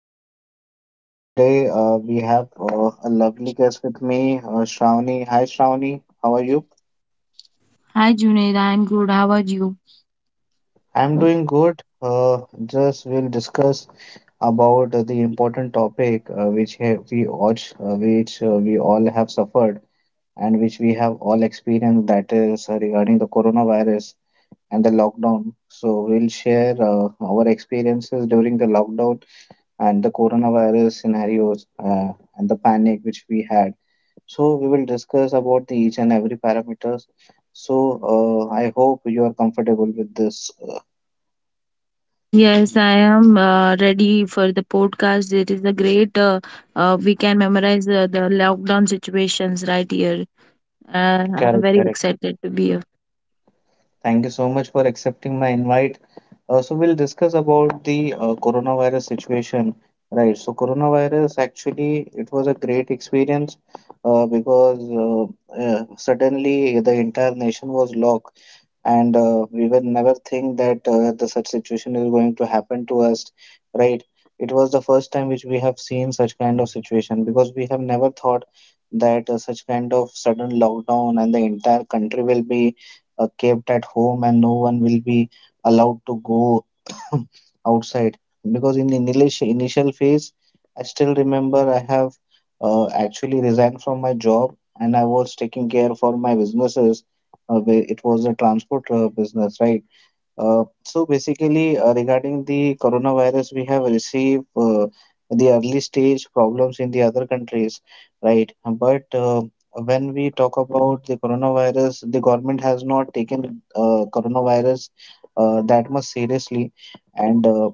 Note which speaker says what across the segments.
Speaker 1: podcast. Today we have a lovely guest with me, Shravani. Hi Shravani, how are you?
Speaker 2: Hi Junaid, I'm good. How are you?
Speaker 1: I'm doing good. Just we'll discuss about the important topic which ha- we all, which we all have suffered and which we have all experienced. That is regarding the coronavirus and the lockdown. So we'll share our experiences during the lockdown and the coronavirus scenarios and the panic which we had. So we will discuss about the each and every parameters. So I hope you are comfortable with this.
Speaker 2: Yes, I am ready for the podcast. It is a great. We can memorize the lockdown situations right here. I'm
Speaker 1: Correct,
Speaker 2: very
Speaker 1: correct.
Speaker 2: excited to be here.
Speaker 1: Thank you so much for accepting my invite. So we'll discuss about the coronavirus situation, right? So coronavirus actually it was a great experience because suddenly the entire nation was locked, and we will never think that the such situation is going to happen to us, right? It was the first time which we have seen such kind of situation, because we have never thought that such kind of sudden lockdown and the entire country will be kept at home and no one will be allowed to go outside. Because in the initial phase I still remember I have actually resigned from my job and I was taking care for my businesses, where it was a transport business, right? So basically, regarding the coronavirus, we have received the early stage problems in the other countries, right? But when we talk about the coronavirus, the government has not taken coronavirus that much seriously, and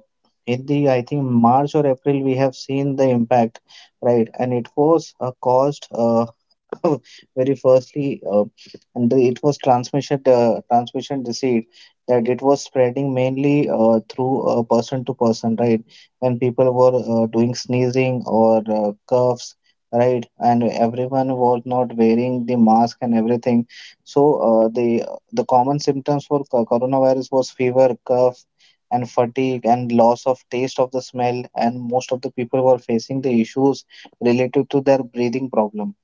Speaker 1: in the I think March or April, we have seen the impact, right? And it was caused very firstly, and it was transmission disease, that it was spreading mainly through person to person, right? When people were doing sneezing or coughs, right? And everyone was not wearing the mask and everything. So the common symptoms for coronavirus was fever, cough, and fatigue and loss of taste of the smell. And most of the people were facing the issues related to their breathing problem.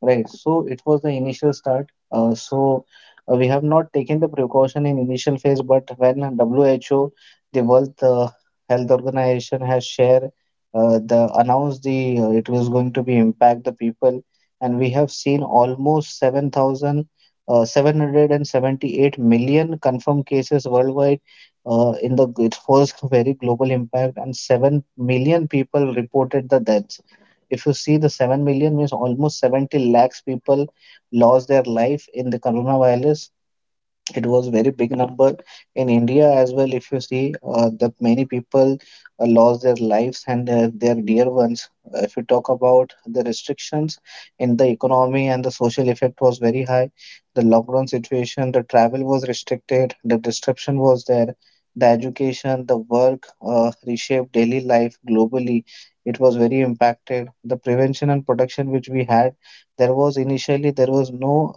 Speaker 1: Right. So it was the initial start. So we have not taken the precaution in initial phase, but when WHO, the World Health Organization, has shared the announced the it was going to be impact the people, and we have seen almost 7,000 778 million confirmed cases worldwide. In the it was a very global impact, and 7 million people reported the deaths. If you see the 7 million means almost 70 lakhs people lost their life in the coronavirus. It was very big number in India as well. If you see, the many people lost their lives and their dear ones. If you talk about the restrictions in the economy and the social effect was very high. The lockdown situation, the travel was restricted, the disruption was there. The education, the work reshaped daily life globally. It was very impacted. The prevention and protection which we had, there was initially there was no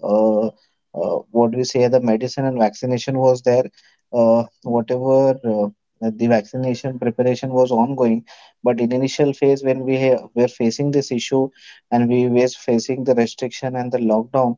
Speaker 1: what we say the medicine and vaccination was there, whatever the vaccination preparation was ongoing, but in initial phase when were facing this issue and we were facing the restriction and the lockdown,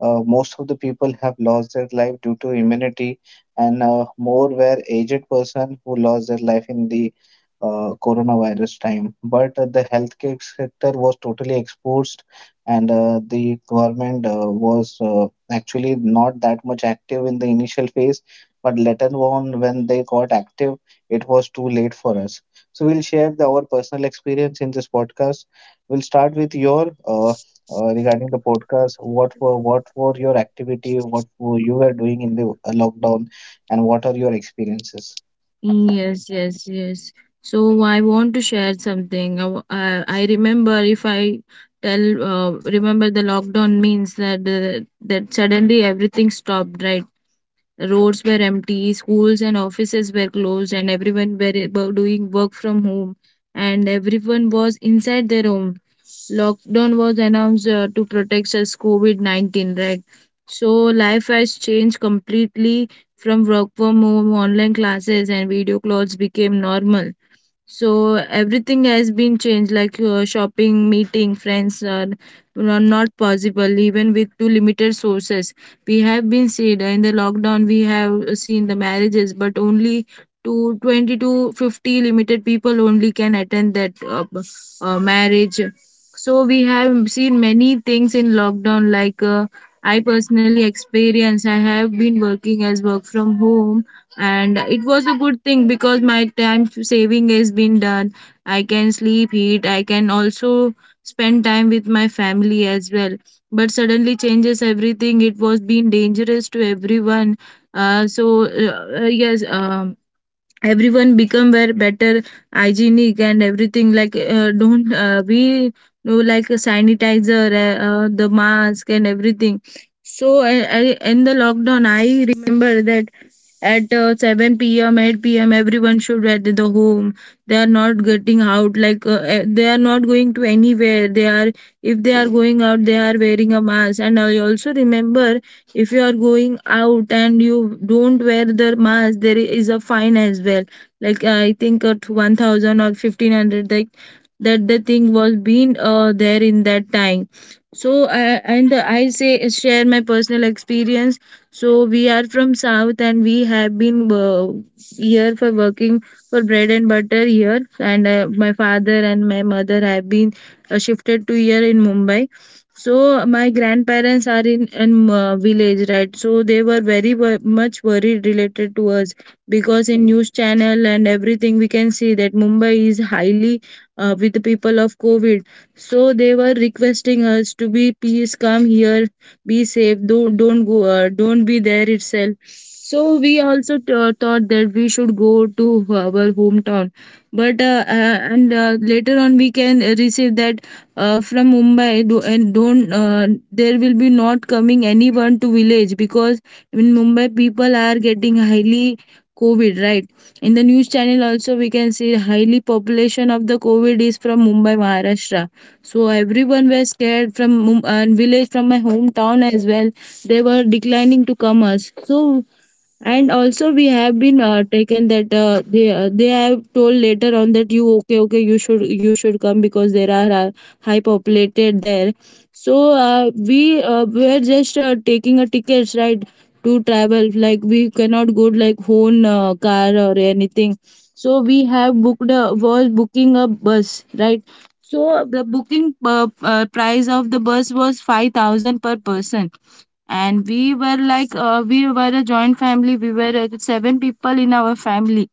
Speaker 1: most of the people have lost their life due to immunity, and more were aged person who lost their life in the coronavirus time. But the healthcare sector was totally exposed, and the government was actually not that much active in the initial phase, but later on when they got active it was too late for us. So we'll share our personal experience in this podcast. We'll start with your regarding the podcast, what were your activity, what were you were doing in the lockdown, and what are your experiences.
Speaker 2: Yes, yes, yes. So I want to share something. I remember if I tell remember the lockdown means that suddenly everything stopped, right? Roads were empty, schools and offices were closed, and everyone were doing work from home, and everyone was inside their home. Lockdown was announced to protect us COVID-19, right? So life has changed completely from work from home, online classes, and video calls became normal. So everything has been changed, like shopping, meeting friends are not possible even with too limited sources. We have been seen in the lockdown. We have seen the marriages, but only to 20 to 50 limited people only can attend that marriage. So we have seen many things in lockdown, like. I personally experience. I have been working as work from home, and it was a good thing because my time saving has been done. I can sleep, eat. I can also spend time with my family as well. But suddenly changes everything, it was being dangerous to everyone. So, yes, everyone become very better hygienic and everything, like don't, we know, like a sanitizer, the mask and everything. So I in the lockdown I remember that at 7 p.m. 8 p.m. everyone should be at the home. They are not getting out, like they are not going to anywhere. They are, if they are going out they are wearing a mask. And I also remember, if you are going out and you don't wear the mask, there is a fine as well. Like I think at 1000 or 1500, like that the thing was being there in that time. So and I say share my personal experience. So we are from South and we have been here for working, for bread and butter here. And my father and my mother have been shifted to here in mumbai. So my grandparents are in village, right? So they were very much worried related to us, because in news channel and everything we can see that mumbai is highly with the people of covid. So they were requesting us to be, please come here, be safe, don't go, don't be there itself. So we also thought that we should go to our hometown. But uh, uh, and uh, later on we can receive that, from mumbai do, and don't, there will be not coming anyone to village, because in mumbai people are getting highly covid, right. In the news channel also we can see highly population of the covid is from mumbai maharashtra. So everyone was scared from village, from my hometown as well. They were declining to come us, so. And also we have been taken that, they have told later on that you, okay okay, you should come, because there are high populated there. So we were just taking a tickets, right, to travel, like we cannot go like own car or anything. So we have was booking a bus, right. So the booking price of the bus was 5000 per person. And we were like we were a joint family, we were seven people in our family.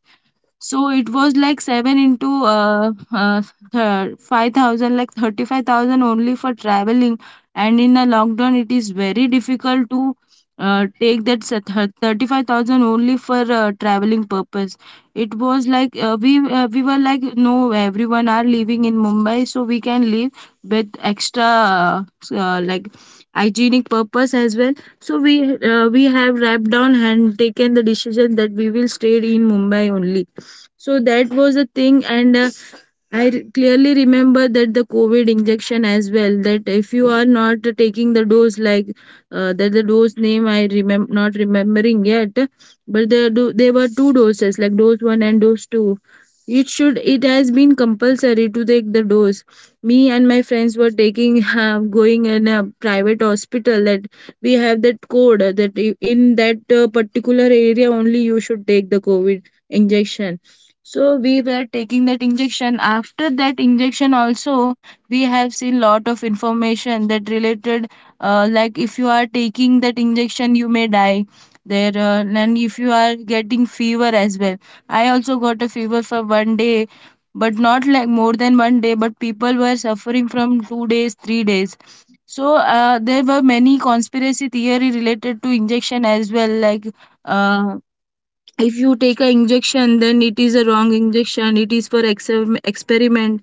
Speaker 2: So it was like seven into 5000, like 35,000 only for traveling. And in a lockdown, it is very difficult to take that 35,000 only for traveling purpose. It was like we were like no, everyone are living in Mumbai, so we can live with extra like hygienic purpose as well. So we have wrapped down and taken the decision that we will stay in Mumbai only. So that was the thing, and clearly remember that the COVID injection as well. That if you are not taking the dose, like that the dose name I remember not remembering yet, but there were two doses, like dose one and dose two. It has been compulsory to take the dose. Me and my friends were taking going in a private hospital, that we have that code, that in that particular area only you should take the COVID injection. So we were taking that injection. After that injection also we have seen lot of information that related, like if you are taking that injection you may die there. And if you are getting fever as well, I also got a fever for one day, but not like more than one day, but people were suffering from 2 days 3 days. So there were many conspiracy theory related to injection as well, like uh, if you take an injection then it is a wrong injection, it is for ex experiment,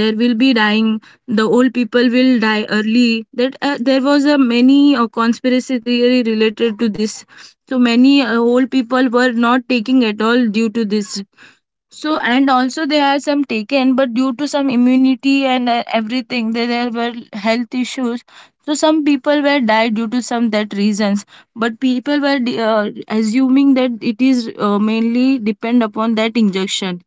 Speaker 2: there will be dying, the old people will die early. That there was a many conspiracy theory related to this. So many old people were not taking at all due to this. So and also there are some taken, but due to some immunity and everything, there were health issues. So some people were died due to some that reasons. But people were assuming that it is mainly depend upon that injection.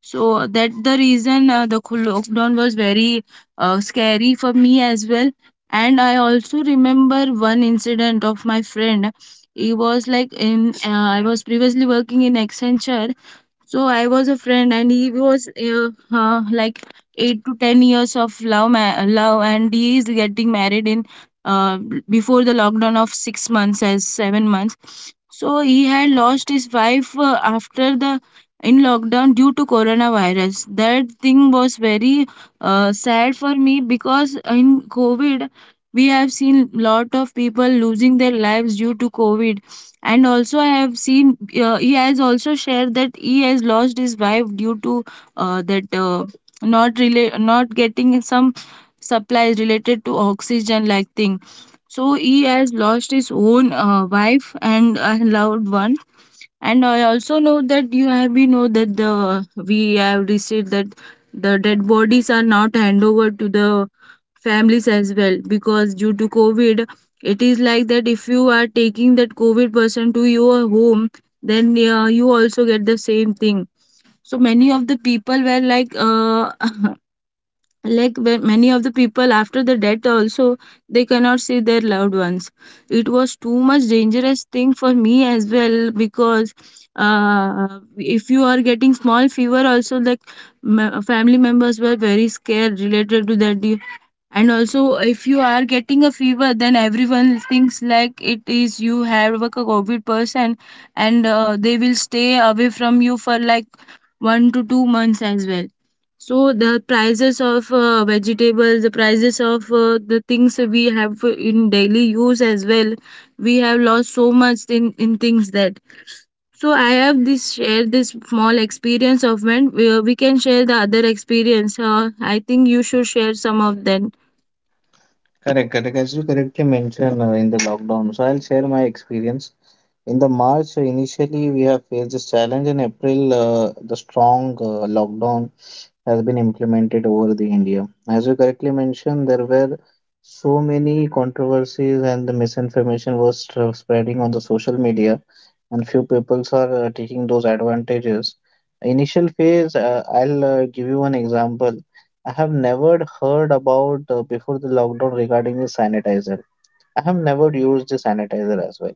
Speaker 2: So that the reason, the lockdown was very scary for me as well. And I also remember one incident of my friend. He was like in, I was previously working in Accenture, so I was a friend, and he was like 8 to 10 years of love, love, and he is getting married in, uh, before the lockdown of 6 months as 7 months. So he had lost his wife after the, in lockdown due to coronavirus. That thing was very sad for me, because in COVID we have seen lot of people losing their lives due to COVID. And also I have seen, he has also shared that he has lost his wife due to, that not getting some supplies related to oxygen like thing. So he has lost his own wife and a loved one. And I also know that you have been know that the we have received that the dead bodies are not hand over to the families as well, because due to COVID, it is like that if you are taking that COVID person to your home, then you also get the same thing. So many of the people were like, like where many of the people after the death also they cannot see their loved ones. It was too much dangerous thing for me as well, because if you are getting small fever also, like family members were very scared related to that. And also if you are getting a fever then everyone thinks like it is, you have a covid person, and they will stay away from you for like 1 to 2 months as well. So the prices of vegetables, the prices of the things we have in daily use as well, we have lost so much in things, that. So I have this, share this small experience of when we can share the other experience. I think you should share some of that.
Speaker 1: Correct, correct. As you correctly mentioned in the lockdown, so I'll share my experience. In the March, initially we have faced this challenge. In April, the strong lockdown has been implemented over the India. As you correctly mentioned, there were so many controversies and the misinformation was spreading on the social media, and few peoples are taking those advantages. Initial phase, I'll give you an example. I have never heard about before the lockdown regarding the sanitizer. I have never used the sanitizer as well.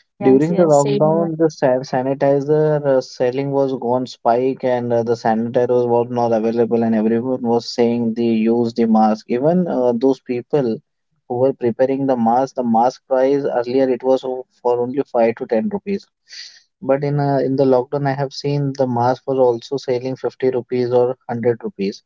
Speaker 2: Yes,
Speaker 1: During the
Speaker 2: yes, same here.
Speaker 1: lockdown, the sanitizer selling was gone spike, and the sanitizer was not available, and everyone was saying they use the mask. Even those people who were preparing the mask price earlier it was for only 5 to 10 rupees. But in the lockdown, I have seen the mask was also selling 50 rupees or 100 rupees.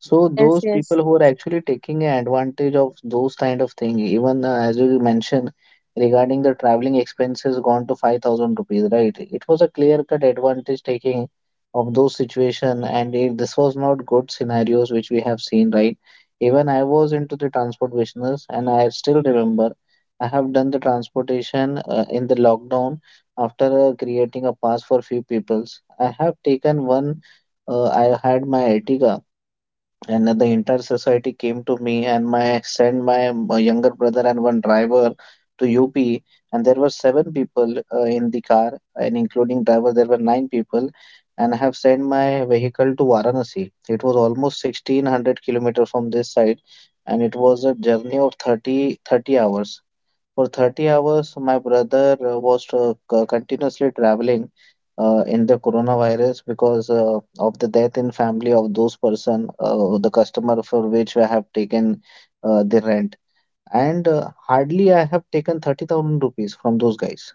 Speaker 1: So
Speaker 2: Yes,
Speaker 1: those
Speaker 2: yes.
Speaker 1: people who are actually taking advantage of those kind of thing, even as you mentioned, regarding the traveling expenses gone to 5,000 rupees, right? It was a clear-cut advantage taking of those situation, and this was not good scenarios which we have seen, right? Even I was into the transport business, and I still remember I have done the transportation in the lockdown after creating a pass for few peoples. I have taken one. I had my Ertiga, and the entire society came to me and my sent my younger brother and one driver to UP, and there were 7 people in the car, and including driver there were 9 people. And I have sent my vehicle to Varanasi. It was almost 1600 kilometers from this side, and it was a journey of 30 30 hours for 30 hours. My brother was continuously traveling in the coronavirus, because of the death in family of those person, the customer for which I have taken the rent. And hardly I have taken 30,000 rupees from those guys.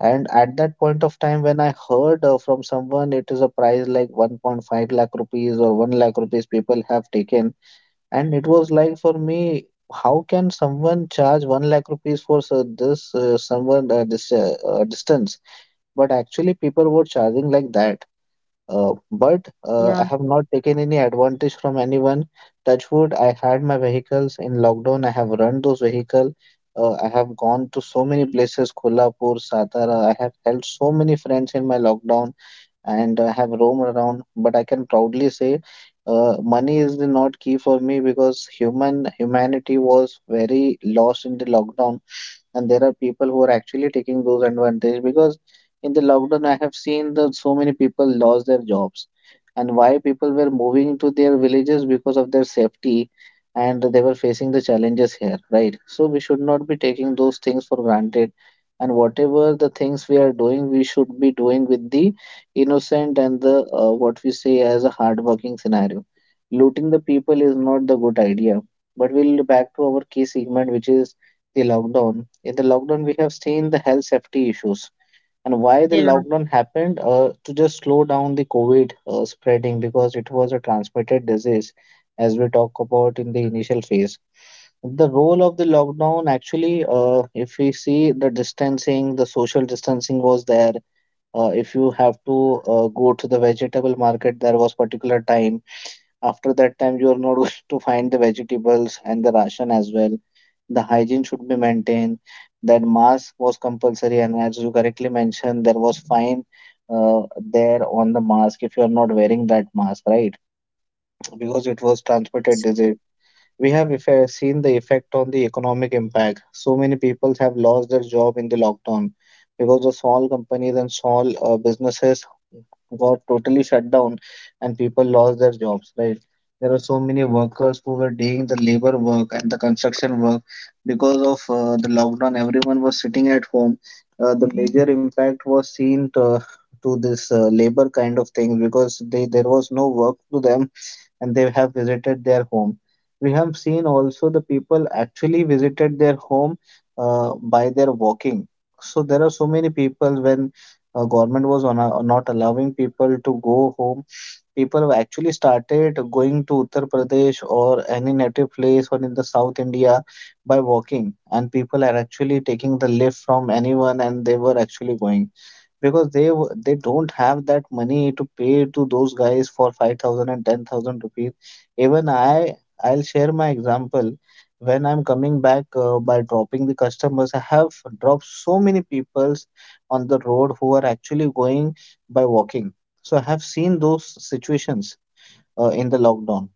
Speaker 1: And at that point of time, when I heard from someone it is a price like 1.5 lakh rupees or 1 lakh rupees people have taken, and it was like for me, how can someone charge 1 lakh rupees for so this someone this distance? But actually, people were charging like that. Uh, but
Speaker 2: Yeah,
Speaker 1: uh, I
Speaker 2: yeah,
Speaker 1: have not taken any advantage from anyone. Touch wood, I had my vehicles in lockdown. I have run those vehicle. I have gone to so many places, Kolhapur, Satara. I have held so many friends in my lockdown, and I have roamed around. But I can proudly say, money is the not key for me, because humanity was very lost in the lockdown, and there are people who are actually taking those advantage. Because in the lockdown I have seen that so many people lost their jobs, and why people were moving to their villages because of their safety, and they were facing the challenges here, right? So we should not be taking those things for granted, and whatever the things we are doing we should be doing with the innocent and the what we say as a hard working scenario. Looting the people is not the good idea. But we'll back to our key segment, which is the lockdown. In the lockdown, we have seen the health safety issues, and why the
Speaker 2: yeah.
Speaker 1: lockdown happened to just slow down the COVID spreading, because it was a transmitted disease, as we talk about in the initial phase. The role of the lockdown actually, if we see the distancing, the social distancing was there. If you have to go to the vegetable market, there was particular time. After that time, you are not going to find the vegetables and the ration as well. The hygiene should be maintained. That mask was compulsory, and as you correctly mentioned, there was fine there on the mask if you are not wearing that mask, right? Because it was
Speaker 2: Yes,
Speaker 1: transmitted
Speaker 2: yes.
Speaker 1: disease. We have seen the effect on the economic impact. So many people have lost their job in the lockdown, because the small companies and small businesses got totally shut down, and people lost their jobs, right? There are so many workers who were doing the labor work and the construction work because of the lockdown. Everyone was sitting at home. The major impact was seen to this labor kind of thing, because they there was no work to them, and they have visited their home. We have seen also the people actually visited their home by their walking. So there are so many people when government was on a, not allowing people to go home, people have actually started going to Uttar Pradesh or any native place or in the South India by walking, and people are actually taking the lift from anyone and they were actually going because they don't have that money to pay to those guys for 5000 and 10000 rupees. Even I'll share my example. When I'm coming back by dropping the customers, I have dropped so many peoples on the road who are actually going by walking. So I have seen those situations in the lockdown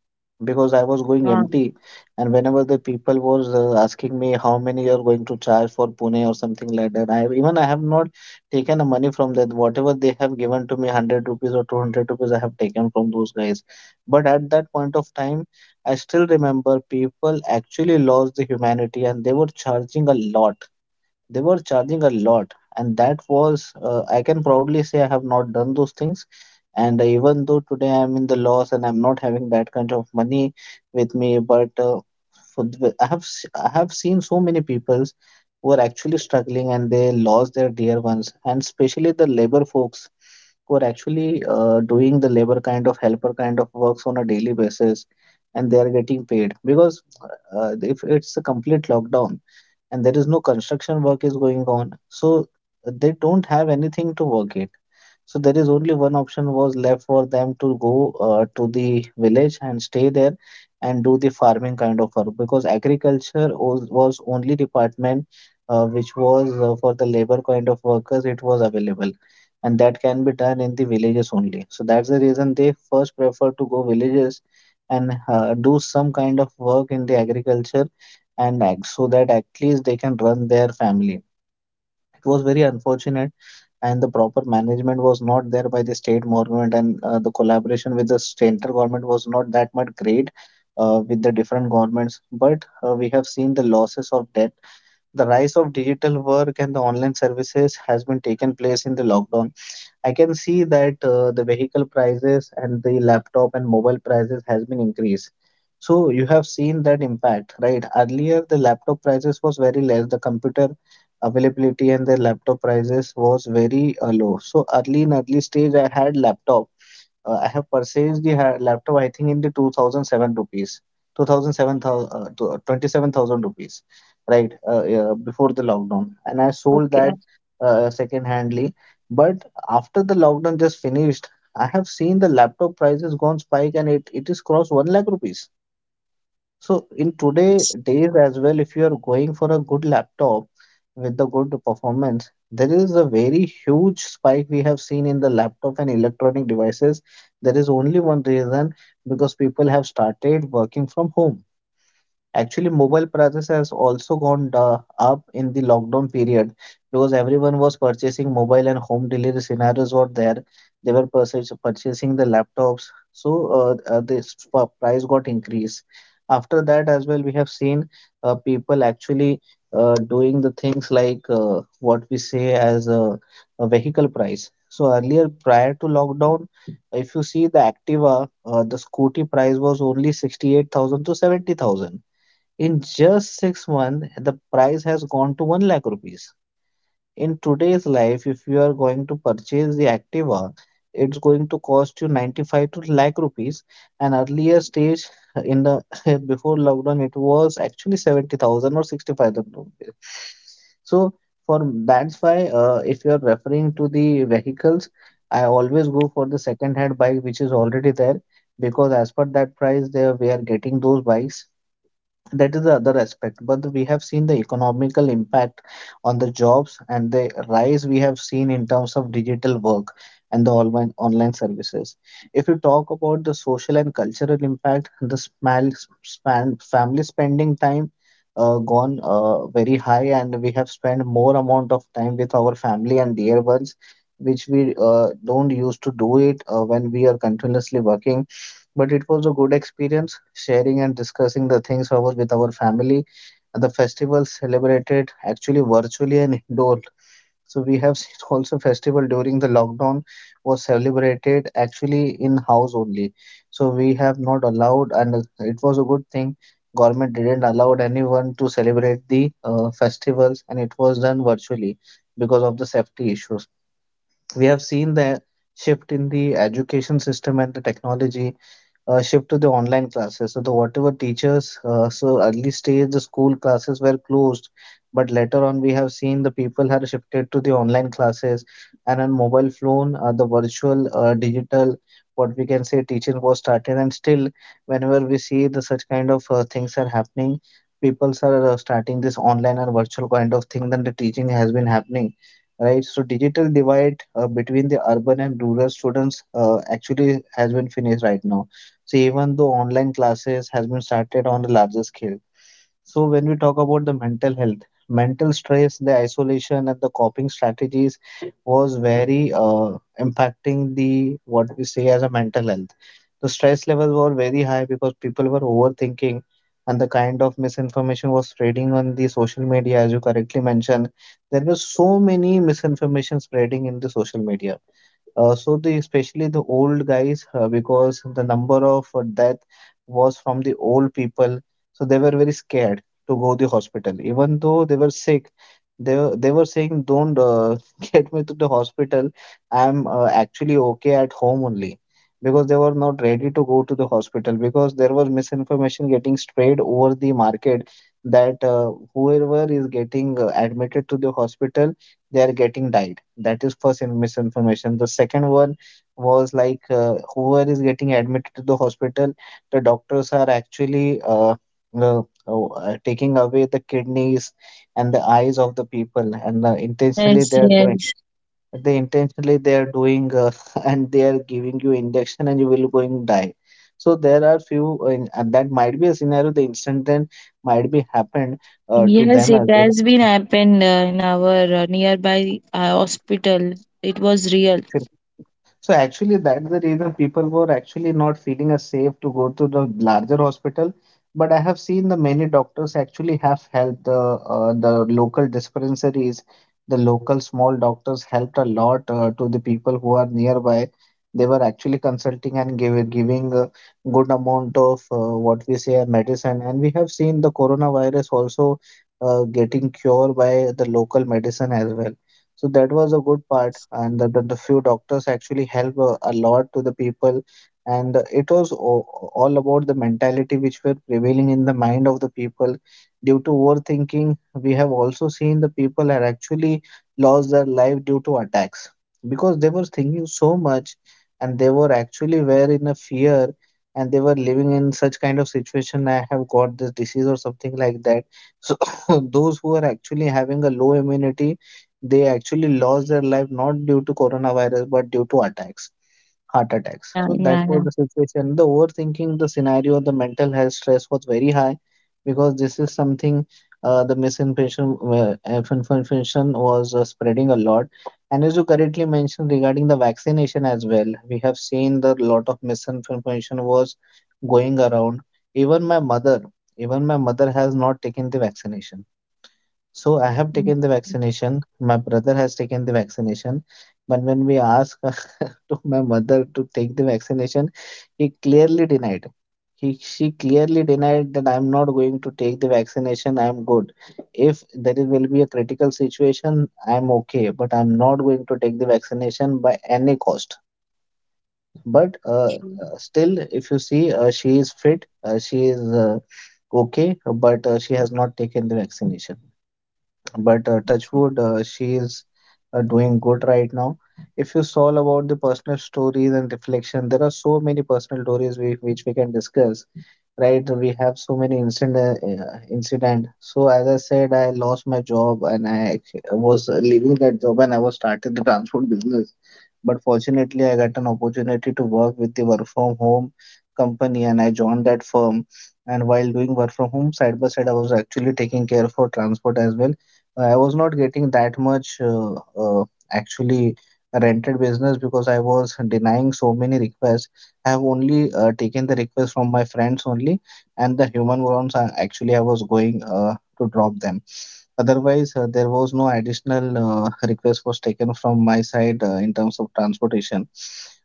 Speaker 1: because I was going
Speaker 2: Yeah.
Speaker 1: empty, and whenever the people was asking me how many you're going to charge for Pune or something like that, I, even I have not taken the money from that. Whatever they have given to me, 100 rupees or 200 rupees, I have taken from those guys. But at that point of time, I still remember people actually lost the humanity and they were charging a lot, they were charging a lot, and that was, I can proudly say I have not done those things. And even though today I'm in the loss and I'm not having that kind of money with me, but for the, I have seen so many people who are actually struggling and they lost their dear ones, and especially the labor folks who are actually doing the labor kind of helper kind of works on a daily basis and they are getting paid because if it's a complete lockdown and there is no construction work is going on, so they don't have anything to work it. So there is only one option was left for them to go to the village and stay there and do the farming kind of work because agriculture was only department which was for the labor kind of workers it was available, and that can be done in the villages only. So that's the reason they first prefer to go villages and do some kind of work in the agriculture so that at least they can run their family. It was very unfortunate, and the proper management was not there by the state government, and the collaboration with the central government was not that much great with the different governments. But we have seen the losses of that. The rise of digital work and the online services has been taken place in the lockdown. I can see that the vehicle prices and the laptop and mobile prices has been increased. So you have seen that impact, right? Earlier, the laptop prices was very less. The computer availability and the laptop prices was very low. So early in early stage, I had laptop, I have purchased the laptop, I think, in the 2007 rupees, 2007,000, uh, 27,000 rupees, right? Yeah, before the lockdown. And I sold
Speaker 2: Okay.
Speaker 1: that second handly. But after the lockdown just finished, I have seen the laptop prices gone spike and it is crossed 1 lakh rupees. So in today
Speaker 2: Yes.
Speaker 1: days as well, if you are going for a good laptop with the good performance, there is a very huge spike we have seen in the laptop and electronic devices. There is only one reason because people have started working from home. Actually, mobile prices has also up in the lockdown period because everyone was purchasing mobile and home delivery scenarios were there. They were purchasing the laptops, so this price got increased. After that, as well, we have seen people actually doing the things like what we say as a vehicle price. So earlier, prior to lockdown, if you see the Activa, the scooty price was only 68,000 to 70,000. In just 6 months, the price has gone to 1 lakh rupees. In today's life, if you are going to purchase the Activa, it's going to cost you 95 to lakh rupees. And earlier stage in the before lockdown, it was actually 70,000 or 65,000 rupees. So for that's why if you're referring to the vehicles, I always go for the second hand bike which is already there because as per that price they we are getting those bikes. That is the other aspect, but we have seen the economical impact on the jobs and the rise we have seen in terms of digital work and the online services. If you talk about the social and cultural impact, the small span family spending time gone very high, and we have spent more amount of time with our family and dear ones which we don't used to do it when we are continuously working, but it was a good experience sharing and discussing the things over with our family. The festival celebrated actually virtually and indoor. So we have seen also festival during the lockdown was celebrated actually in house only. So we have not allowed and it was a good thing. Government didn't allow anyone to celebrate the festivals and it was done virtually because of the safety issues. We have seen the shift in the education system and the technology, shift to the online classes. So the whatever teachers, so early stage the school classes were closed, but later on we have seen the people have shifted to the online classes and on mobile phone, the virtual, digital, what we can say teaching was started. And still, whenever we see the such kind of things are happening, people are starting this online and virtual kind of thing. Then the teaching has been happening. Right, so digital divide between the urban and rural students actually has been finished right now. So even though online classes has been started on a larger scale. So when we talk about the mental health, mental stress, the isolation and the coping strategies was very impacting the what we say as a mental health. The stress levels were very high because people were overthinking and the kind of misinformation was spreading on the social media as you correctly mentioned. There were so many misinformation spreading in the social media, so the especially the old guys because the number of death was from the old people, so they were very scared to go to the hospital. Even though they were sick, they were saying, "Don't get me to the hospital. I'm actually okay at home only." Because they were not ready to go to the hospital because there was misinformation getting spread over the market that whoever is getting admitted to the hospital, they are getting died. That is first misinformation. The second one was like whoever is getting admitted to the hospital, the doctors are actually taking away the kidneys and the eyes of the people, and intentionally
Speaker 2: Yes,
Speaker 1: they are doing.
Speaker 2: yes,
Speaker 1: They intentionally they are doing and they are giving you injection and you will going die. So there are few and that might be a scenario. The incident might be happened to
Speaker 2: yes.
Speaker 1: them
Speaker 2: It
Speaker 1: as well.
Speaker 2: has been happened in our nearby hospital. It was real.
Speaker 1: So actually, that's the reason people were actually not feeling as safe to go to the larger hospital. But I have seen the many doctors actually have helped the local dispensaries, the local small doctors helped a lot to the people who are nearby. They were actually consulting and giving a good amount of what we say medicine. And we have seen the coronavirus also getting cured by the local medicine as well. So that was a good part,
Speaker 2: Yes.
Speaker 1: and the few doctors actually help a lot to the people, and it was all about the mentality which were prevailing in the mind of the people due to overthinking. We have also seen the people had actually lost their life due to attacks because they were thinking so much, and they were actually were in a fear, and they were living in such kind of situation. I have got this disease or something like that. So those who are actually having a low immunity, they actually lost their life not due to coronavirus but due to attacks, heart attacks.
Speaker 2: Yeah,
Speaker 1: So that
Speaker 2: yeah,
Speaker 1: was
Speaker 2: yeah.
Speaker 1: the situation, the overthinking, the scenario, the mental health stress was very high because this is something, the misinformation information was spreading a lot, and as you correctly mentioned regarding the vaccination as well, we have seen that a lot of misinformation was going around. even my mother Even my mother has not taken the vaccination. So I have
Speaker 2: Mm,
Speaker 1: taken the vaccination. My brother has taken the vaccination. But when we asked to my mother to take the vaccination, he clearly denied. She clearly denied that I'm not going to take the vaccination. I'm good. If will be a critical situation, I'm okay. But I'm not going to take the vaccination by any cost. But
Speaker 2: true.
Speaker 1: Still, if you see, she is fit. She is okay. But she has not taken the vaccination, but touchwood, she is doing good right now. If you saw about the personal stories and reflection, there are so many personal stories which we can discuss, right? We have so many incident. So as I said, I lost my job and I was leaving that job, and I was started the transport business. But fortunately, I got an opportunity to work with the work from home company, and I joined that firm. And while doing work from home, side by side, I was actually taking care for transport as well. I was not getting that much uh, actually rented business because I was denying so many requests. I have only taken the request from my friends only, and the human ones are actually I was going to drop them. Otherwise, there was no additional request was taken from my side in terms of transportation.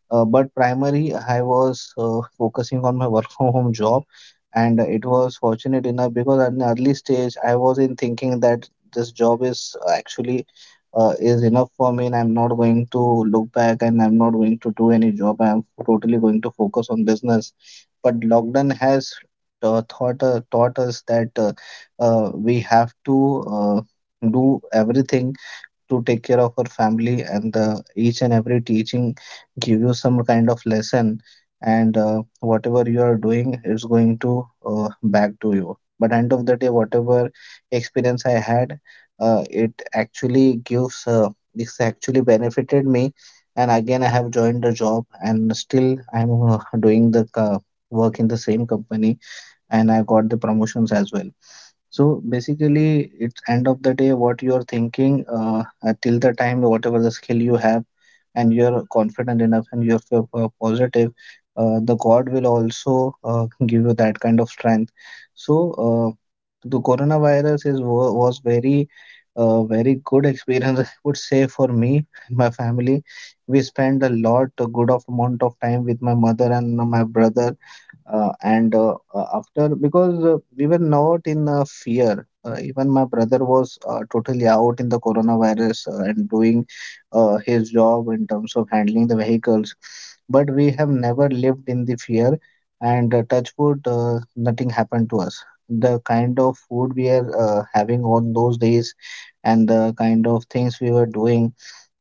Speaker 1: But primarily, I was focusing on my work from home job, and it was fortunate enough because at an early stage, I was in thinking that this job is actually is enough for me, and I'm not going to look back, and I'm not going to do any job. I'm totally going to focus on business. But lockdown has taught us that we have to do everything to take care of her family, and the each and every teaching give you some kind of lesson. And whatever you are doing, it's going to back to you. But end of the day, whatever experience I had, it actually gives this actually benefited me. And again, I have joined the job, and still I'm doing the work in the same company, and I got the promotions as well. So basically, it's end of the day what you're thinking, till the time whatever the skill you have, and you're confident enough, and you're positive, the God will also give you that kind of strength. So the coronavirus was very very good experience, I would say, for me and my family. We spent a lot a good of amount of time with my mother and my brother, and after, because we were not in fear. Even my brother was totally out in the coronavirus, and doing his job in terms of handling the vehicles, but we have never lived in the fear. And touch wood, nothing happened to us. The kind of food we are having on those days and the kind of things we were doing,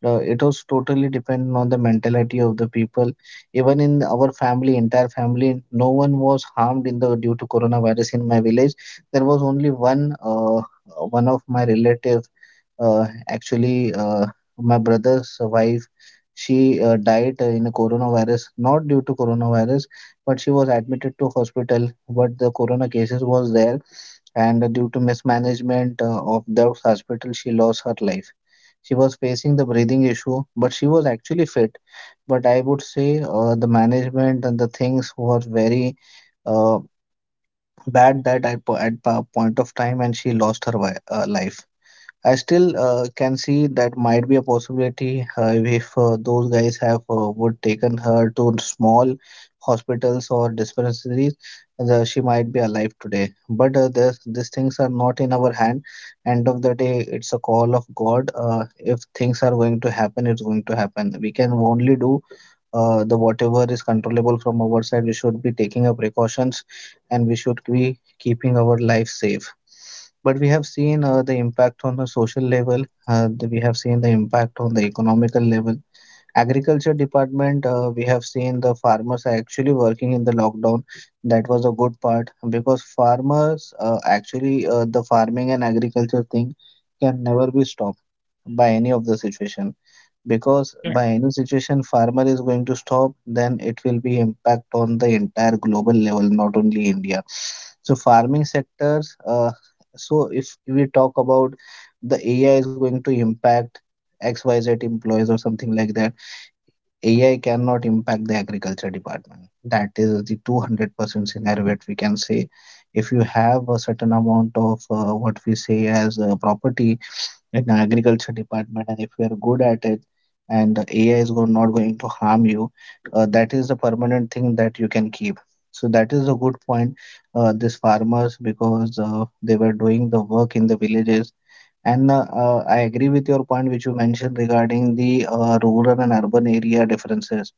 Speaker 1: it was totally dependent on the mentality of the people. Even in our family, entire family, no one was harmed in the due to coronavirus. In my village, there was only one of my relative, uh, actually, uh, my brother's wife, she died in a coronavirus, not due to coronavirus, but she was admitted to hospital. But the corona cases was there, and due to mismanagement of the hospital, she lost her life. She was facing the breathing issue, but she was actually fit. But I would say the management and the things were very uh, bad that at, po- at pa- point of time, and she lost her life. I still can see that might be a possibility if those guys have would taken her to small hospitals or dispensaries, she might be alive today. But these things are not in our hand. End of the day, it's a call of God. If things are going to happen, it's going to happen. We can only do the whatever is controllable from our side. We should be taking our precautions, and we should be keeping our life safe. But we have seen the impact on the social level. We have seen the impact on the economical level. Agriculture department, we have seen the farmers are actually working in the lockdown. That was a good part because farmers actually the farming and agriculture thing can never be stopped by any of the situation, because
Speaker 2: Yeah.
Speaker 1: by any situation farmer is going to stop, then it will be impact on the entire global level, not only India. So farming sectors. So if we talk about, the AI is going to impact XYZ employees or something like that. AI cannot impact the agriculture department. That is the 200% scenario that we can say. If you have a certain amount of what we say as property in agriculture department, and if you are good at it, and the AI is not going to harm you, that is a permanent thing that you can keep. So that is a good point. These farmers, because they were doing the work in the villages. And I agree with your point, which you mentioned regarding the rural and urban area differences.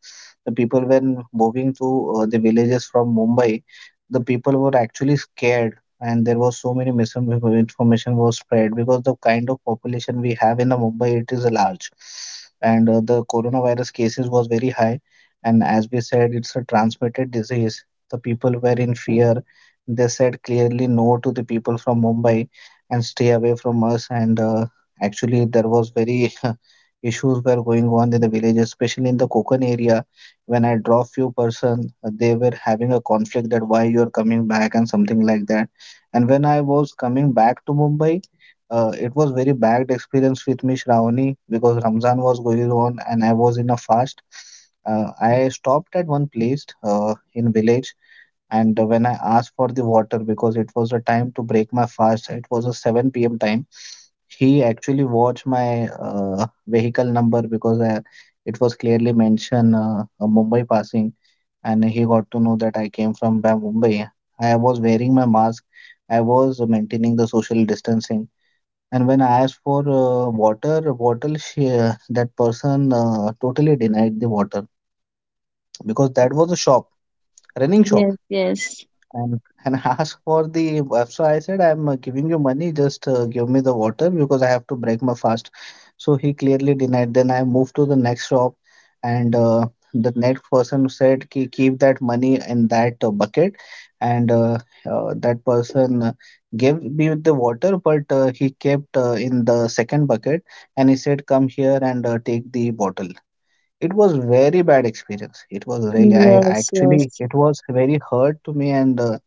Speaker 1: The people, when moving to the villages from Mumbai, the people were actually scared, and there was so many misinformation was spread because the kind of population we have in the Mumbai, it is large, and the coronavirus cases was very high. And as we said, it's a transmitted disease. The people were in fear. They said clearly no to the people from Mumbai and stay away from us. And actually, there was very issues were going on in the village, especially in the Kokan area. When I draw few person, they were having a conflict that why you are coming back and something like that. And when I was coming back to Mumbai, it was very bad experience with me, Shravani, because Ramzan was going on and I was in a fast. I stopped at one place in village, and when I asked for the water, because it was a time to break my fast, it was a 7 p.m. time. He actually watched my vehicle number, because I, it was clearly mentioned a Mumbai passing, and he got to know that I came from Mumbai. I was wearing my mask, I was maintaining the social distancing. And when I asked for water, bottle, that person totally denied the water, because
Speaker 2: No.
Speaker 1: that was a shop, running shop,
Speaker 2: Yes, yes,
Speaker 1: and and ask for the so I said I'm giving you money, just give me the water because I have to break my fast. So he clearly denied. Then I moved to the next shop, and the next person said Ki, keep that money in that bucket. And that person gave me the water, but he kept in the second bucket, and he said come here and take the bottle. It was very bad experience. It was really, I
Speaker 2: yes, yes.
Speaker 1: actually, it was very hurt to me, and uh,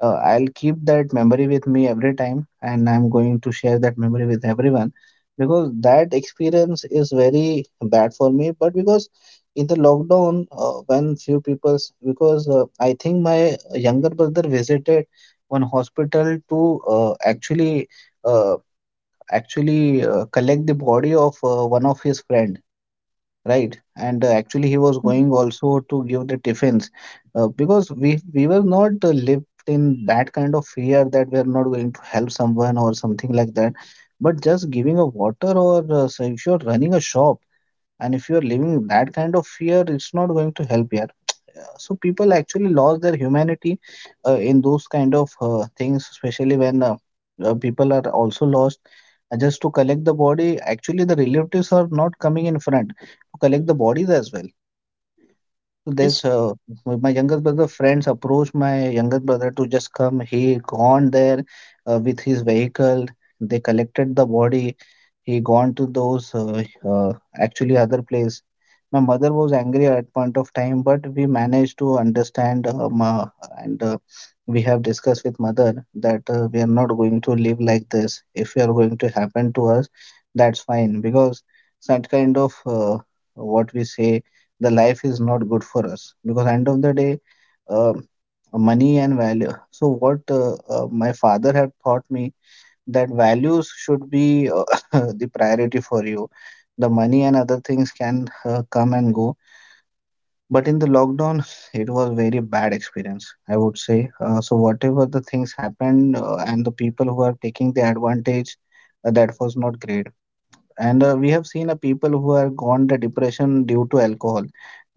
Speaker 1: uh, I'll keep that memory with me every time, and I'm going to share that memory with everyone, because that experience is very bad for me. But because in the lockdown, when few people's, because I think my younger brother visited one hospital to uh, actually collect the body of one of his friend, right? And actually he was
Speaker 2: Mhm.
Speaker 1: going also to give the tiffins, because we were not lived in that kind of fear that we are not going to help someone or something like that. But just giving a water or so if you're running a shop and if you're living that kind of fear, it's not going to help here. So people actually lost their humanity in those kind of things, especially when people are also lost, just to collect the body, actually the relatives are not coming in front to collect the bodies as well.
Speaker 2: Yes, yes,
Speaker 1: There's My younger brother friends approached my younger brother to just come. He gone there with his vehicle. They collected the body. He gone to those uh, actually other place. My mother was angry at point of time, but we managed to understand and we have discussed with mother that we are not going to live like this. If we are going to happen to us, that's fine because such kind of what we say the life is not good for us because end of the day uh, money and value. So what my father had taught me that values should be the priority for you, the money and other things can come and go. But in the lockdown it was very bad experience I would say. So whatever the things happened, and the people who are taking the advantage, that was not great. And we have seen people who are gone to depression due to alcohol.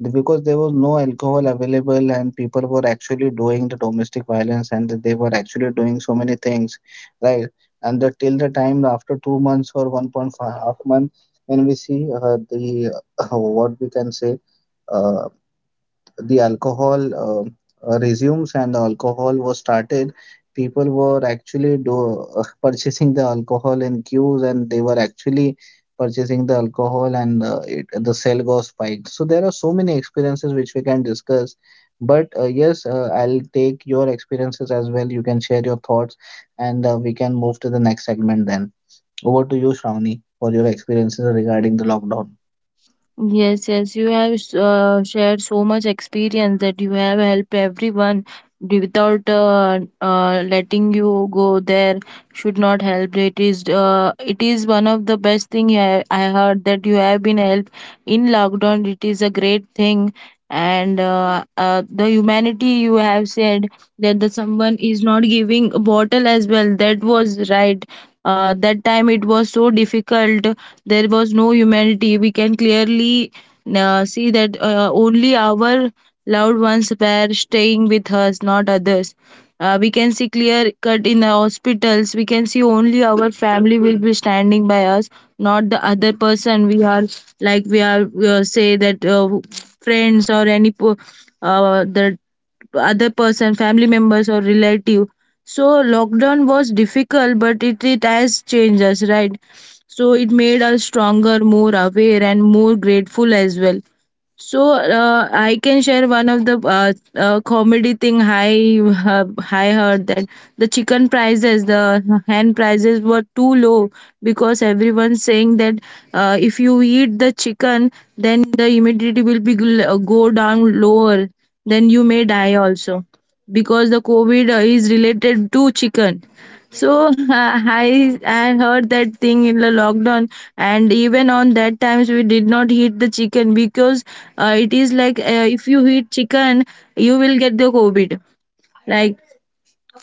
Speaker 1: Because there was no alcohol available and people were actually doing the domestic violence and they were actually doing so many things, right. And till the time after 2 months or 1.5 half month, when we see the what we can say, uh, the alcohol resumes and the alcohol was started, people were actually purchasing the alcohol in queues, and they were actually purchasing the alcohol, and the sale got spiked. So there are so many experiences which we can discuss. But yes, I'll take your experiences as well. You can share your thoughts, and we can move to the next segment then. Over to you, Shravani, for your experiences regarding the lockdown.
Speaker 2: yes, yes. You have shared so much experience, that you have helped everyone. Without letting you go, there should not help. It is one of the best thing. I heard that you have been helped in lockdown, it is a great thing. And the humanity you have said, that the someone is not giving a bottle as well, that was right. That time it was so difficult. There was no humanity, we can clearly see that only our loved ones were staying with us, not others. We can see clear cut in the hospitals. We can see only our family will be standing by us, not the other person. We are like, we are say that, friends or any the other person, family members or relative. So lockdown was difficult, but it has changed us, right? So it made us stronger, more aware and more grateful as well. So I can share one of the comedy thing I heard that the chicken prices, the hen prices were too low because everyone's saying that if you eat the chicken, then the immunity will be go down lower, then you may die also because the covid is related to chicken. So I heard that thing in the lockdown, and even on that times we did not eat the chicken because it is like, if you eat chicken, you will get the COVID. Like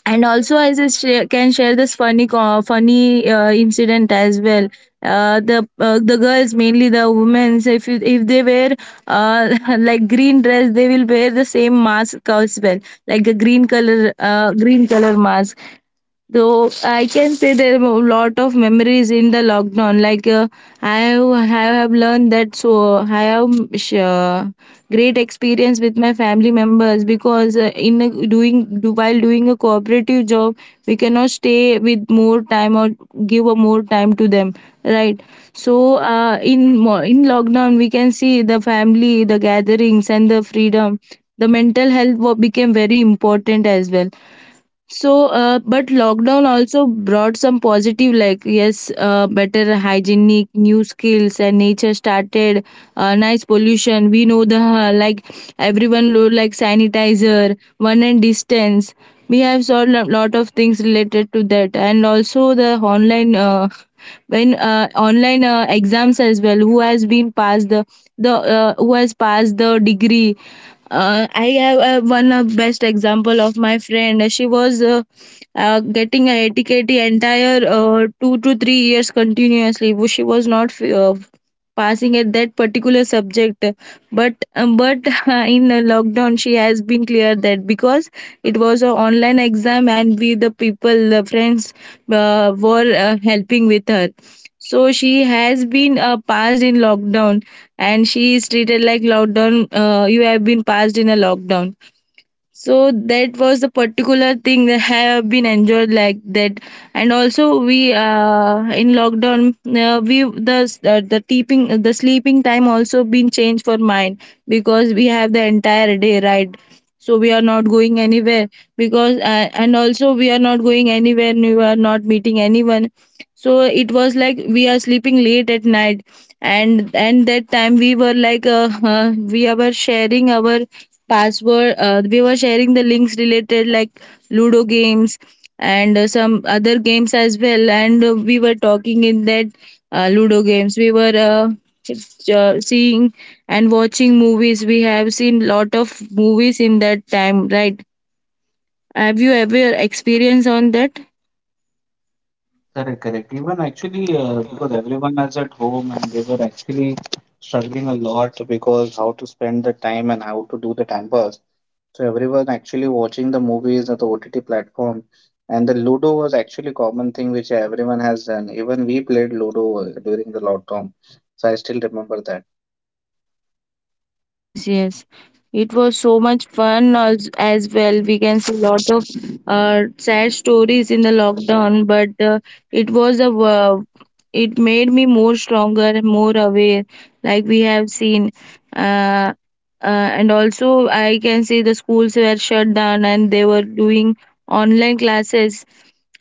Speaker 2: and also I just share, can share this funny incident as well. The girls, mainly the women, so if you, if they wear like green dress, they will wear the same mask as well, like a green color, green color mask. Though I can say there are a lot of memories in the lockdown. Like I have learned that, so I have sh- uh, great experience with my family members because in a, doing do, while doing a cooperative job, we cannot stay with more time or give a more time to them, right? So in in lockdown, we can see the family, the gatherings, and the freedom. The mental health became very important as well. So, but lockdown also brought some positive, like yes, better hygienic, new skills, and nature started. Nice pollution. We know the like everyone like sanitizer, one and distance. We have saw a lot of things related to that, and also the online when online exams as well, who has been passed the who has passed the degree. I have one best example of my friend. She was getting a etiquette the entire 2 to 3 years continuously. She was not passing at that particular subject, but in the lockdown she has been clear that, because it was an online exam and we the people, the friends, were helping with her, so she has been passed in lockdown, and she is treated like lockdown, you have been passed in a lockdown. So that was the particular thing that have been enjoyed like that, and also we, in lockdown, we the teeping the sleeping time also been changed for mine, because we have the entire day, right, so we are not going anywhere because and also we are not going anywhere, we are not meeting anyone, so it was like we are sleeping late at night, and that time we were like we were sharing our password, we were sharing the links related like ludo games and some other games as well, and we were talking in that. Ludo games, we were seeing and watching movies. We have seen lot of movies in that time, right? Have you ever experienced on that?
Speaker 1: Correct, correct. Even actually, because everyone is at home and they were actually struggling a lot because how to spend the time and how to do the time pass. So everyone actually watching the movies at the OTT platform, and the Ludo was actually common thing which everyone has done. Even we played Ludo during the lockdown. So I still remember that.
Speaker 2: Mm, yes, yes. It was so much fun as well. We can see a lot of sad stories in the lockdown, but it was a it made me more stronger and more aware, like we have seen. Uh, and also, I can see the schools were shut down and they were doing online classes.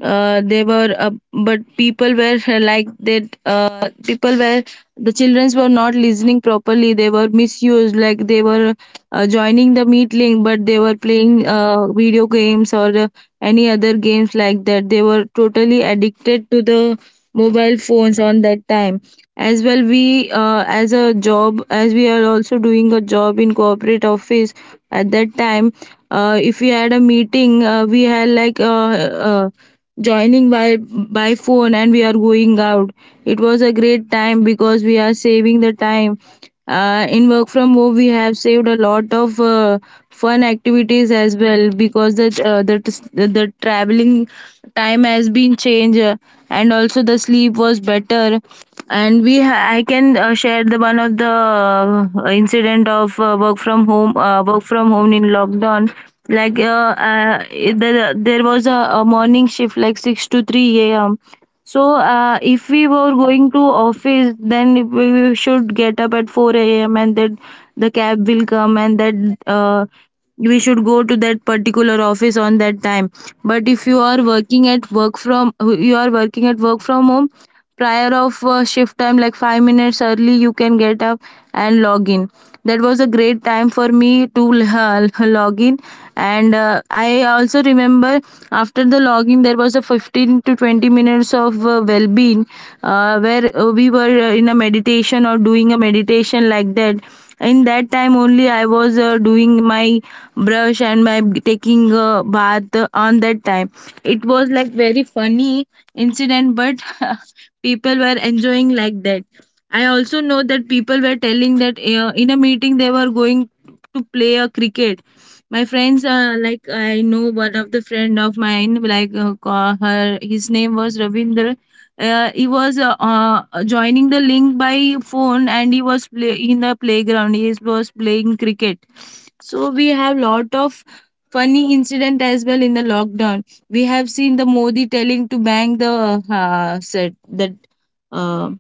Speaker 2: They were But people were like that, people were, the childrens were not listening properly, they were misused, like they were joining the meeting but they were playing video games or any other games like that. They were totally addicted to the mobile phones on that time as well. We as a job, as we are also doing a job in corporate office at that time, if we had a meeting, we had like uh, joining by phone and we are going out. It was a great time because we are saving the time, in work from home we have saved a lot of fun activities as well, because the the traveling time has been changed, and also the sleep was better. And we I can share the one of the incident of work from home in lockdown. Like there, there was a morning shift like 6 to 3 a.m. So, if we were going to office, then we should get up at 4 a.m., and that the cab will come and that we should go to that particular office on that time. But if you are working at work from home, prior of shift time like 5 minutes early you can get up and log in. That was a great time for me to log in. And I also remember, after the login there was a 15 to 20 minutes of well-being, where we were in a meditation or doing a meditation like that. In that time only I was doing my brush and my taking a bath on that time. It was like very funny incident, but people were enjoying like that. I also know that people were telling that, in a meeting they were going to play a cricket. My friends, like I know one of the friend of mine, like her, his name was Ravindra. He was joining the link by phone, and he was in the playground. He was playing cricket. So we have lot of funny incident as well in the lockdown. We have seen the Modi telling to bang the set the uh,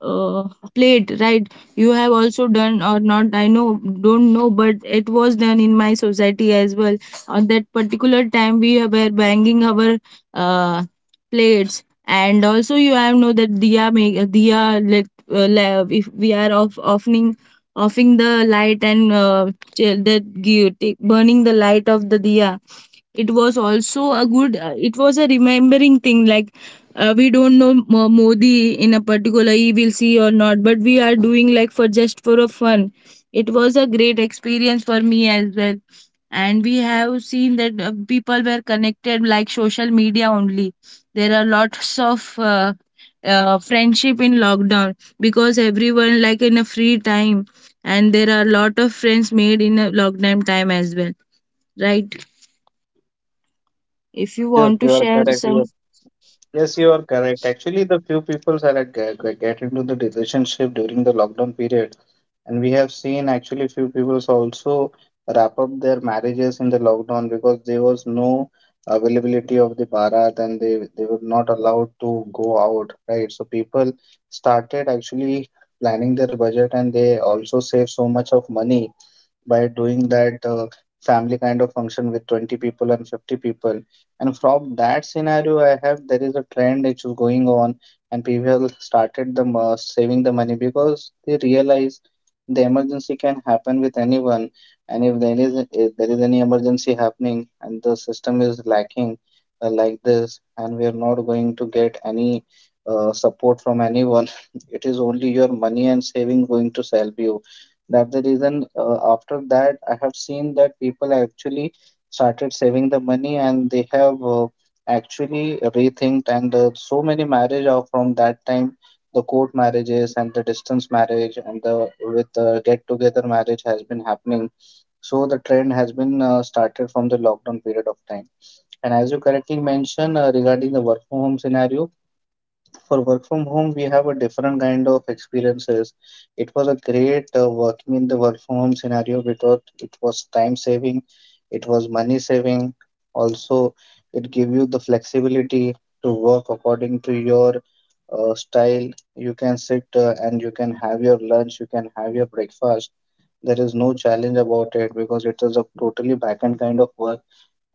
Speaker 2: uh, played, right? You have also done or not, I know, don't know, but it was done in my society as well. On that particular time we were banging our uh, plates, and also you have know that diya, make diya, like if we are offering, offing the light, and that give, take, burning the light of the diya. It was also a good, it was a remembering thing, like we don't know modi in a particular he will see or not, but we are doing like for just for a fun. It was a great experience for me as well. And we have seen that people were connected like social media only. There are lots of friendship in lockdown because everyone like in a free time, and there are lot of friends made in a lockdown time as well, right? If you
Speaker 1: Yes,
Speaker 2: want to
Speaker 1: you are
Speaker 2: share
Speaker 1: correct.
Speaker 2: some,
Speaker 1: Yes, you are correct. Actually, the few people that get into the relationship during the lockdown period, and we have seen actually few people also wrap up their marriages in the lockdown because there was no availability of the barat and they were not allowed to go out, right? So people started actually planning their budget and they also save so much of money by doing that family kind of function with 20 people and 50 people. And from that scenario I have, there is a trend which is going on, and people started the saving the money because they realize the emergency can happen with anyone. And if there is any emergency happening and the system is lacking like this, and we are not going to get any support from anyone, it is only your money and saving going to help you. That's the reason after that, I have seen that people actually started saving the money, and they have actually rethinked. And so many marriage are from that time, the court marriages and the distance marriage and the with the get together marriage has been happening. So the trend has been started from the lockdown period of time. And as you correctly mentioned regarding the work from home scenario, for work from home, we have a different kind of experiences. It was a great working in the work from home scenario because it was time saving, it was money saving. Also, it gave you the flexibility to work according to your style. You can sit and you can have your lunch, you can have your breakfast. There is no challenge about it because it is a totally back-end kind of work,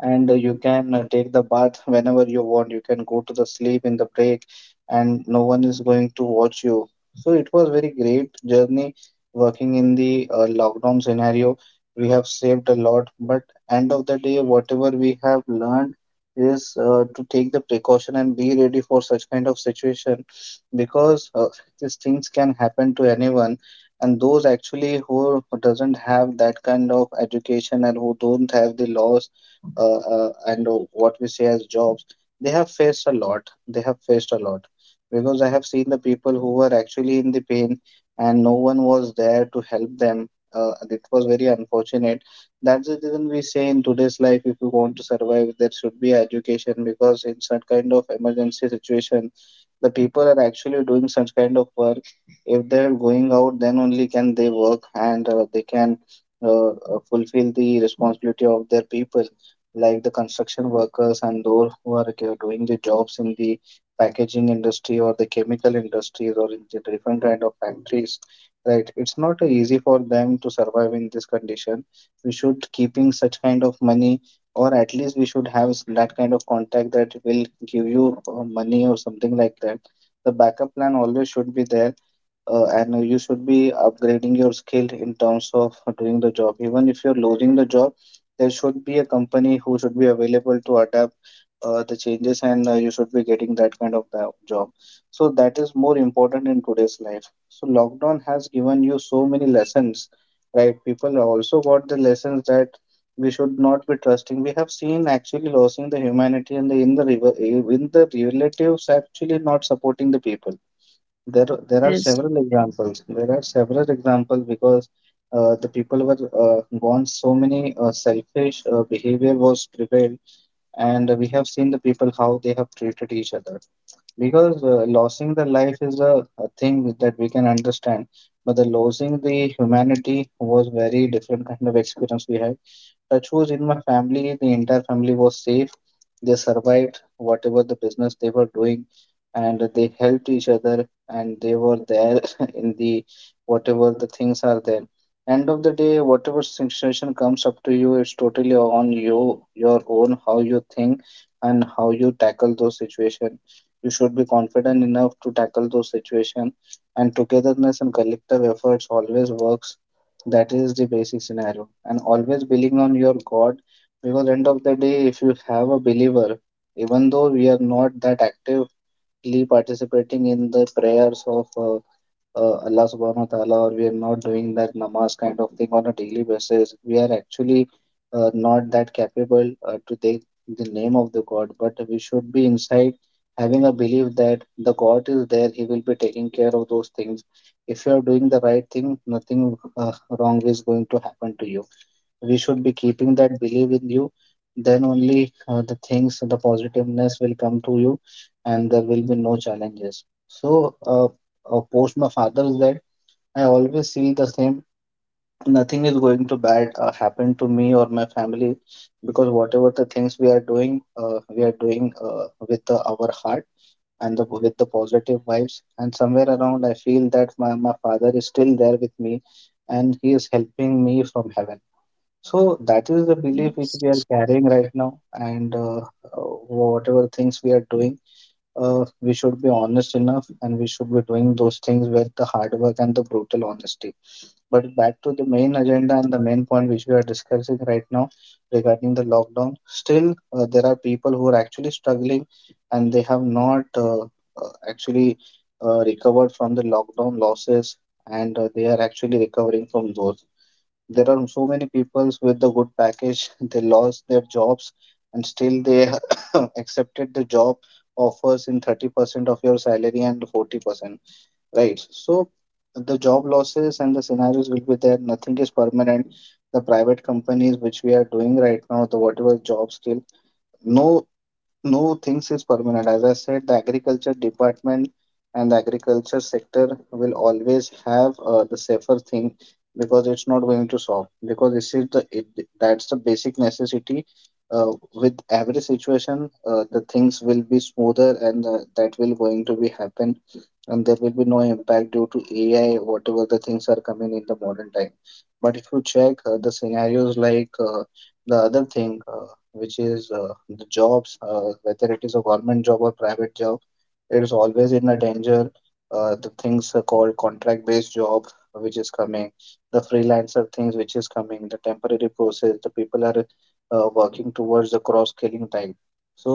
Speaker 1: and you can take the bath whenever you want. You can go to the sleep in the break, and no one is going to watch you. So it was very great journey working in the lockdown scenario. We have saved a lot, but end of the day, whatever we have learned is to take the precaution and be ready for such kind of situation because these things can happen to anyone, and those actually who doesn't have that kind of education and who don't have the laws and what we see as jobs, they have faced a lot. They have faced a lot because I have seen the people who were actually in the pain and no one was there to help them. And it was very unfortunate. That's the reason we say in today's life, if you want to survive, there should be education because in such kind of emergency situation, the people are actually doing such kind of work. If they're going out, then only can they work, and they can fulfill the responsibility of their people like the construction workers and those who are doing the jobs in the packaging industry or the chemical industries or in the different kind of factories, right? It's not easy for them to survive in this condition. We should keeping such kind of money, or at least we should have that kind of contact that will give you money or something like that. The backup plan always should be there. And You should be upgrading your skill in terms of doing the job. Even if you're losing the job, there should be a company who should be available to adapt the changes, and you should be getting that kind of the job. So that is more important in today's life. So lockdown has given you so many lessons, right? People also got the lessons that we should not be trusting. We have seen actually losing the humanity and the in the river in the relatives actually not supporting the people.
Speaker 2: yes,
Speaker 1: There are
Speaker 2: yes.
Speaker 1: several examples. There are several examples because the people were gone. So many selfish behavior was prevailed, and we have seen the people how they have treated each other. Because losing the life is a thing that we can understand, but the losing the humanity was very different kind of experience we had. Touch wood, in my family, the entire family was safe. They survived whatever the business they were doing, and they helped each other, and they were there in the whatever the things are there. End of the day, whatever situation comes up to you, it's totally on you, your own, how you think and how you tackle those situations. You should be confident enough to tackle those situations, and togetherness and collective efforts always works. That is the basic scenario. And always believing on your God because end of the day, if you have a believer, even though we are not that active directly participating in the prayers of Allah subhanahu wa ta'ala, or we are not doing that namaz kind of thing on a daily basis, we are actually not that capable to take the name of the God, but we should be inside having a belief that the God is there, He will be taking care of those things. If you are doing the right thing, nothing wrong is going to happen to you. We should be keeping that belief in you, then only the things, the positiveness will come to you, and there will be no challenges. So post my father's death, I always feel the same. Nothing is going to bad happen to me or my family because whatever the things we are doing, we are doing with our heart and with the positive vibes, and somewhere around I feel that my father is still there with me, and he is helping me from heaven. So that is the belief which we are carrying right now, and whatever things we are doing, we should be honest enough, and we should be doing those things with the hard work and the brutal honesty. But back to the main agenda and the main point which we are discussing right now regarding the lockdown. Still, there are people who are actually struggling, and they have not actually recovered from the lockdown losses, and they are actually recovering from those. There are so many peoples with the good package. They lost their jobs, and still they accepted the job offers in 30% of your salary and 40%, right? So the job losses and the scenarios will be there. Nothing is permanent. The private companies which we are doing right now, the whatever job still, no no things is permanent. As I said, the agriculture department and the agriculture sector will always have the safer thing because it's not going to solve because this is the it, that's the basic necessity. With every situation, the things will be smoother and that will going to be happen, and there will be no impact due to AI, whatever the things are coming in the modern time. But if you check
Speaker 2: Mm,
Speaker 1: the scenarios the other thing, which is the jobs, whether it is a government job or private job, it is always in a danger. The things are called contract based job which is coming, the freelancer things which is coming, the temporary process, the people are working towards the cross scaling type. So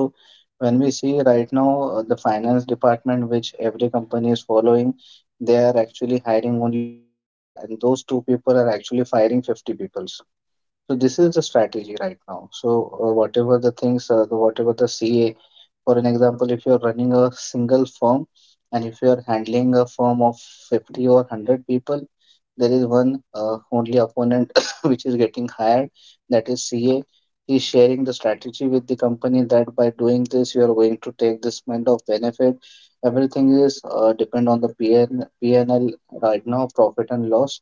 Speaker 1: when we see right now, the finance department which every company is following, they are actually hiring only two people and those two people are actually firing 50 people. So this is the strategy right now. So whatever the things, whatever the CA, for an example, if you are running a single firm and if you are handling a firm of 50 or 100 people, there is one only opponent which is getting hired, that is CA. He is sharing the strategy with the company that by doing this, you are going to take this kind of benefit. Everything is depend on the PNL right now, profit and loss,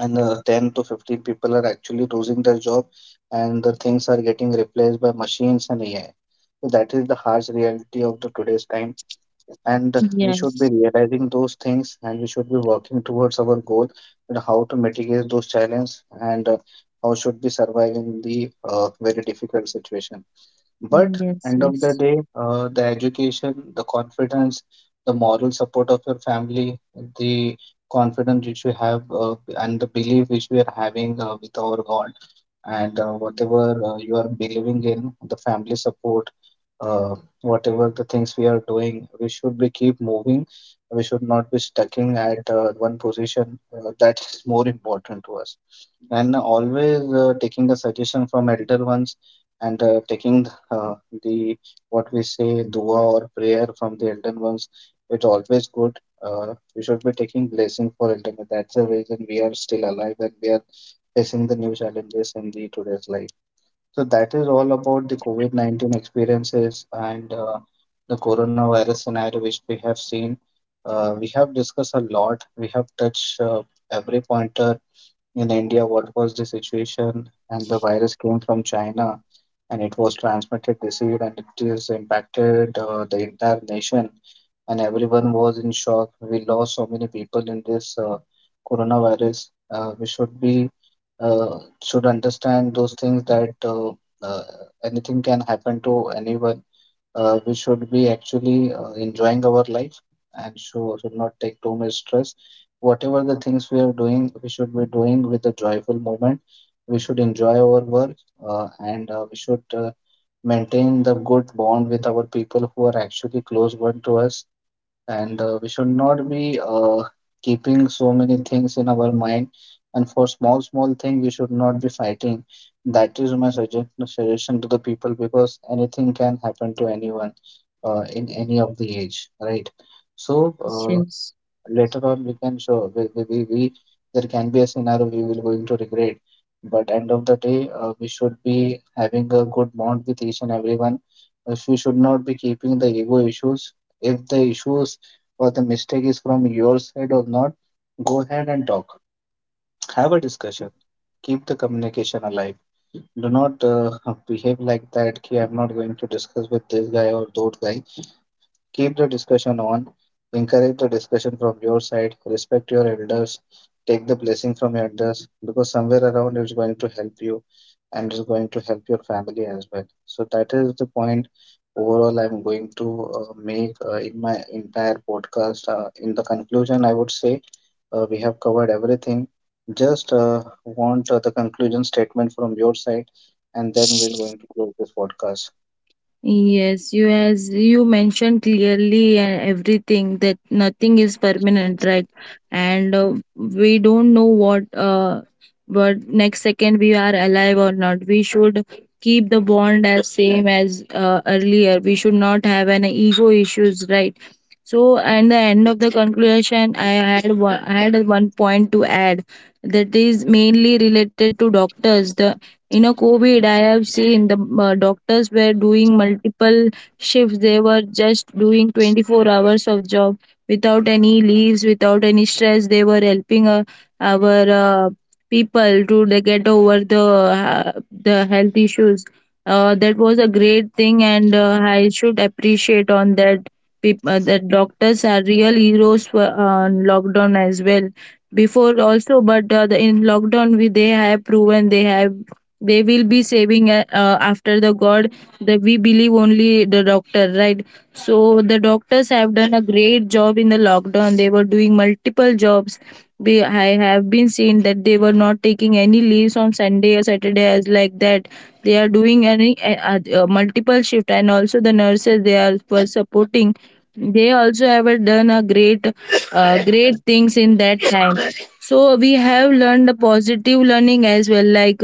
Speaker 1: and 10 to 15 people are actually losing their job and the things are getting replaced by machines and AI. So that is the harsh reality of the today's time, and we should be
Speaker 2: yes.
Speaker 1: realizing those things and we should be working towards our goal and how to mitigate those challenges, and how should we survive in the very difficult situation. But
Speaker 2: Yes,
Speaker 1: end of the
Speaker 2: yes.
Speaker 1: day, the education, the confidence, the moral support of your family, the confidence which we have, and the belief which we are having with our God, and whatever you are believing in, the family support, uh, whatever the things we are doing, we should be keep moving. We should not be stucking at one position. That is more important to us, and always taking the suggestion from elder ones and taking uh, the what we say dua or prayer from the elder ones, it's always good. We should be taking blessing for elder ones. That's the reason we are still alive and we are facing the new challenges in the today's life. So that is all about the COVID-19 experiences and the coronavirus scenario which we have seen. We have discussed a lot, we have touched every pointer in India. What was the situation? And the virus came from China and it was transmitted this year and it is impacted the entire nation. And everyone was in shock. We lost so many people in this coronavirus. We should be should understand those things that uh, anything can happen to anyone. We should be actually enjoying our life and should not take too much stress. Whatever the things we are doing, we should be doing with a joyful moment. We should enjoy our work, and we should maintain the good bond with our people who are actually close one to us. And we should not be keeping so many things in our mind. And for small, small thing, we should not be fighting. That is my suggestion to the people, because anything can happen to anyone in any of the age, right?
Speaker 2: Yes,
Speaker 1: So
Speaker 2: yes.
Speaker 1: later on we can show we there can be a scenario we will going to regret. But end of the day, we should be having a good bond with each and everyone. We should not be keeping the ego issues. If the issues or the mistake is from your side or not, go ahead and talk, have a discussion, keep the communication alive. Do not behave like that ki I'm not going to discuss with this guy or those guy. Keep the discussion on, encourage the discussion from your side, respect your elders, take the blessing from your elders, because somewhere around it's going to help you and it's going to help your family as well. So that is the point overall I'm going to make in my entire podcast. In the conclusion, I would say we have covered everything. Just want the conclusion statement from your side, and then we're going to close this podcast.
Speaker 2: Yes, you as you mentioned clearly and everything that nothing is permanent, right? And we don't know what next second we are alive or not. We should keep the bond as same as earlier. We should not have an ego issues, right? So, and the end of the conclusion, I had one point to add, that is mainly related to doctors. The, you know, covid, I have seen the doctors were doing multiple shifts, they were just doing 24 hours of job without any leaves, without any stress. They were helping our people to, they get over the health issues. That was a great thing, and I should appreciate on that. People, that doctors are real heroes for lockdown as well. Before also, but in lockdown, we they have proven, they have, they will be saving after the God. That we believe only the doctor, right? So the doctors have done a great job in the lockdown. They were doing multiple jobs. Be I have been seen that they were not taking any leaves on Sunday or Saturday as like that. They are doing any multiple shift, and also the nurses they are were supporting. They also have done a great, great things in that time. So we have learned the positive learning as well. Like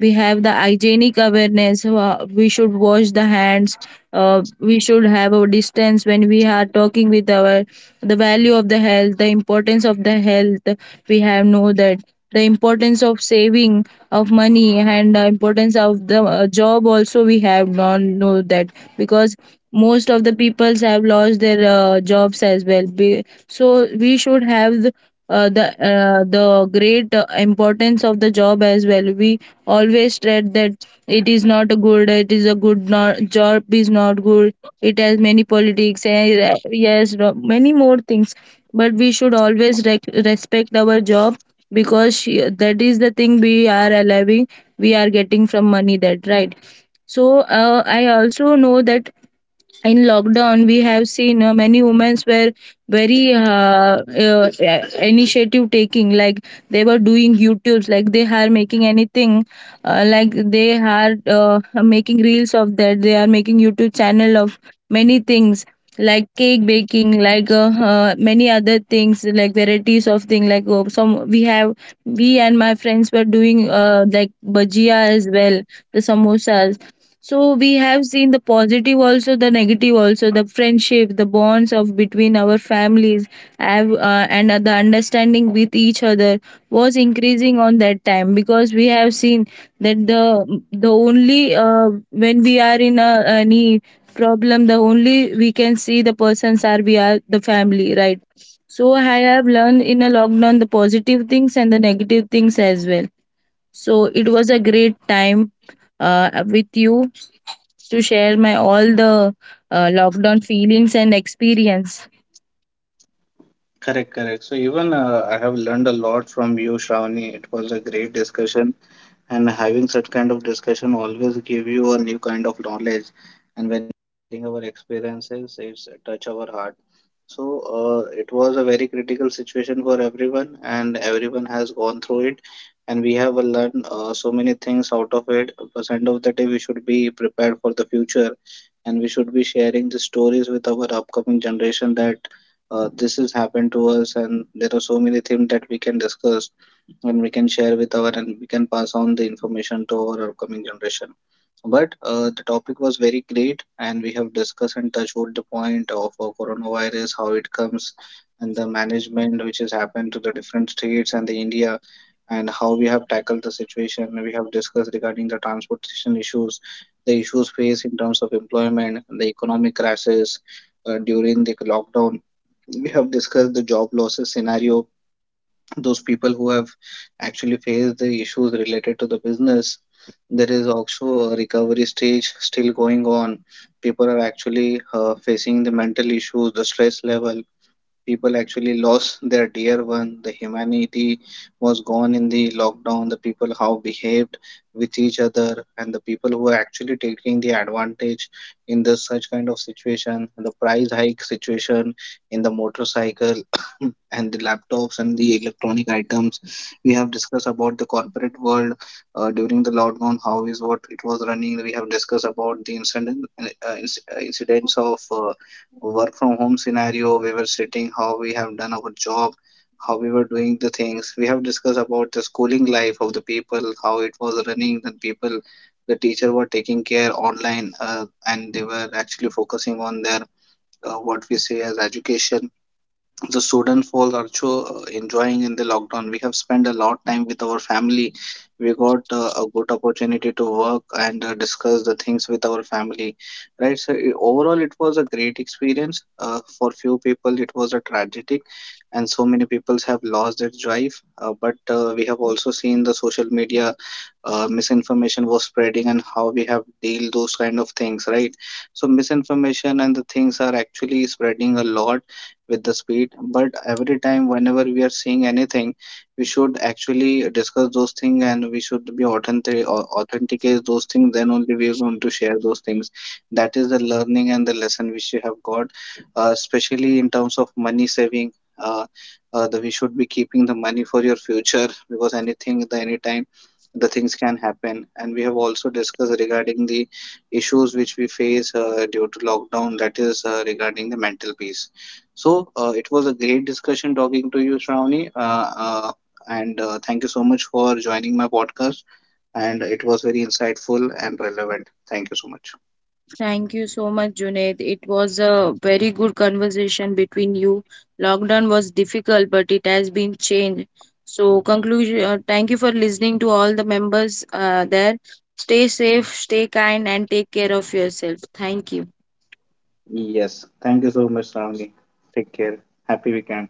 Speaker 2: we have the hygienic awareness, we should wash the hands, we should have a distance when we are talking with our, the value of the health, the importance of the health we have know that, the importance of saving of money, and the importance of the job also we have not know that, because most of the peoples have lost their jobs as well. So we should have the great importance of the job as well. We always said that it is not a good. It is a good not, job is not good. It has many politics, and yes, many more things. But we should always respect our job, because she, that is the thing we are allowing. We are getting from money. That right. So I also know that in lockdown we have seen many women were very initiative taking, like they were doing youtubes, like they are making anything, like they are making reels of that, they are making youtube channel of many things, like cake baking, like many other things like varieties of thing, like some we have, we and my friends were doing like bhajia as well, the samosas. So we have seen the positive also, the negative also, the friendship, the bonds of between our families, have, and the understanding with each other was increasing on that time, because we have seen that the only when we are in a, any problem, the only we can see the persons are we are the family, right? So I have learned in a lockdown the positive things and the negative things as well. So it was a great time with you, to share my all the lockdown feelings and experience.
Speaker 1: Correct, correct. So even I have learned a lot from you, Shravani. It was a great discussion, and having such kind of discussion always give you a new kind of knowledge. And when sharing our experiences, it's touch our heart. So it was a very critical situation for everyone and everyone has gone through it, and we have learned so many things out of it. But end of the day, we should be prepared for the future and we should be sharing the stories with our upcoming generation that this has happened to us, and there are so many things that we can discuss and we can share with our, and we can pass on the information to our upcoming generation. But the topic was very great, and we have discussed and touched wood the point of coronavirus, how it comes, and the management which has happened to the different states and the india, and how we have tackled the situation. We have discussed regarding the transportation issues, the issues faced in terms of employment, the economic crisis during the lockdown. We have discussed the job losses scenario, those people who have actually faced the issues related to the business. There is also a recovery stage still going on. People are actually facing the mental issues, the stress level. People actually lost their dear one. The humanity was gone in the lockdown, the people how behaved with each other, and the people who are actually taking the advantage in the such kind of situation, the price hike situation in the motorcycle and the laptops and the electronic items. We have discussed about the corporate world during the lockdown, how is what it was running. We have discussed about the incident, incidents of work from home scenario, we were sitting how we have done our job, how we were doing the things. We have discussed about the schooling life of the people, how it was running. The people, the teacher were taking care online, and they were actually focusing on their what we say as education. The student was also enjoying in the lockdown. We have spent a lot time with our family. We got a good opportunity to work and discuss the things with our family, right? So overall it was a great experience. For few people it was a tragic, and so many people have lost their drive. But we have also seen the social media misinformation was spreading, and how we have deal those kind of things, right? So misinformation and the things are actually spreading a lot with the speed. But every time whenever we are seeing anything, we should actually discuss those things and we should be authenticate those things, then only we are going to share those things. That is the learning and the lesson which we have got, especially in terms of money saving. uh, that we should be keeping the money for your future, because anything the anytime the things can happen. And we have also discussed regarding the issues which we face due to lockdown, that is regarding the mental peace. So it was a great discussion talking to you, Shravani. And thank you so much for joining my podcast. And it was very insightful and relevant. Thank you so much.
Speaker 2: Thank you so much, Junaid. It was a very good conversation between you. Lockdown was difficult, but it has been changed. So, conclusion. Thank you for listening to all the members there. Stay safe, stay kind, and take care of yourself. Thank you.
Speaker 1: Yes. Thank you so much, Shravani. Take care. Happy weekend.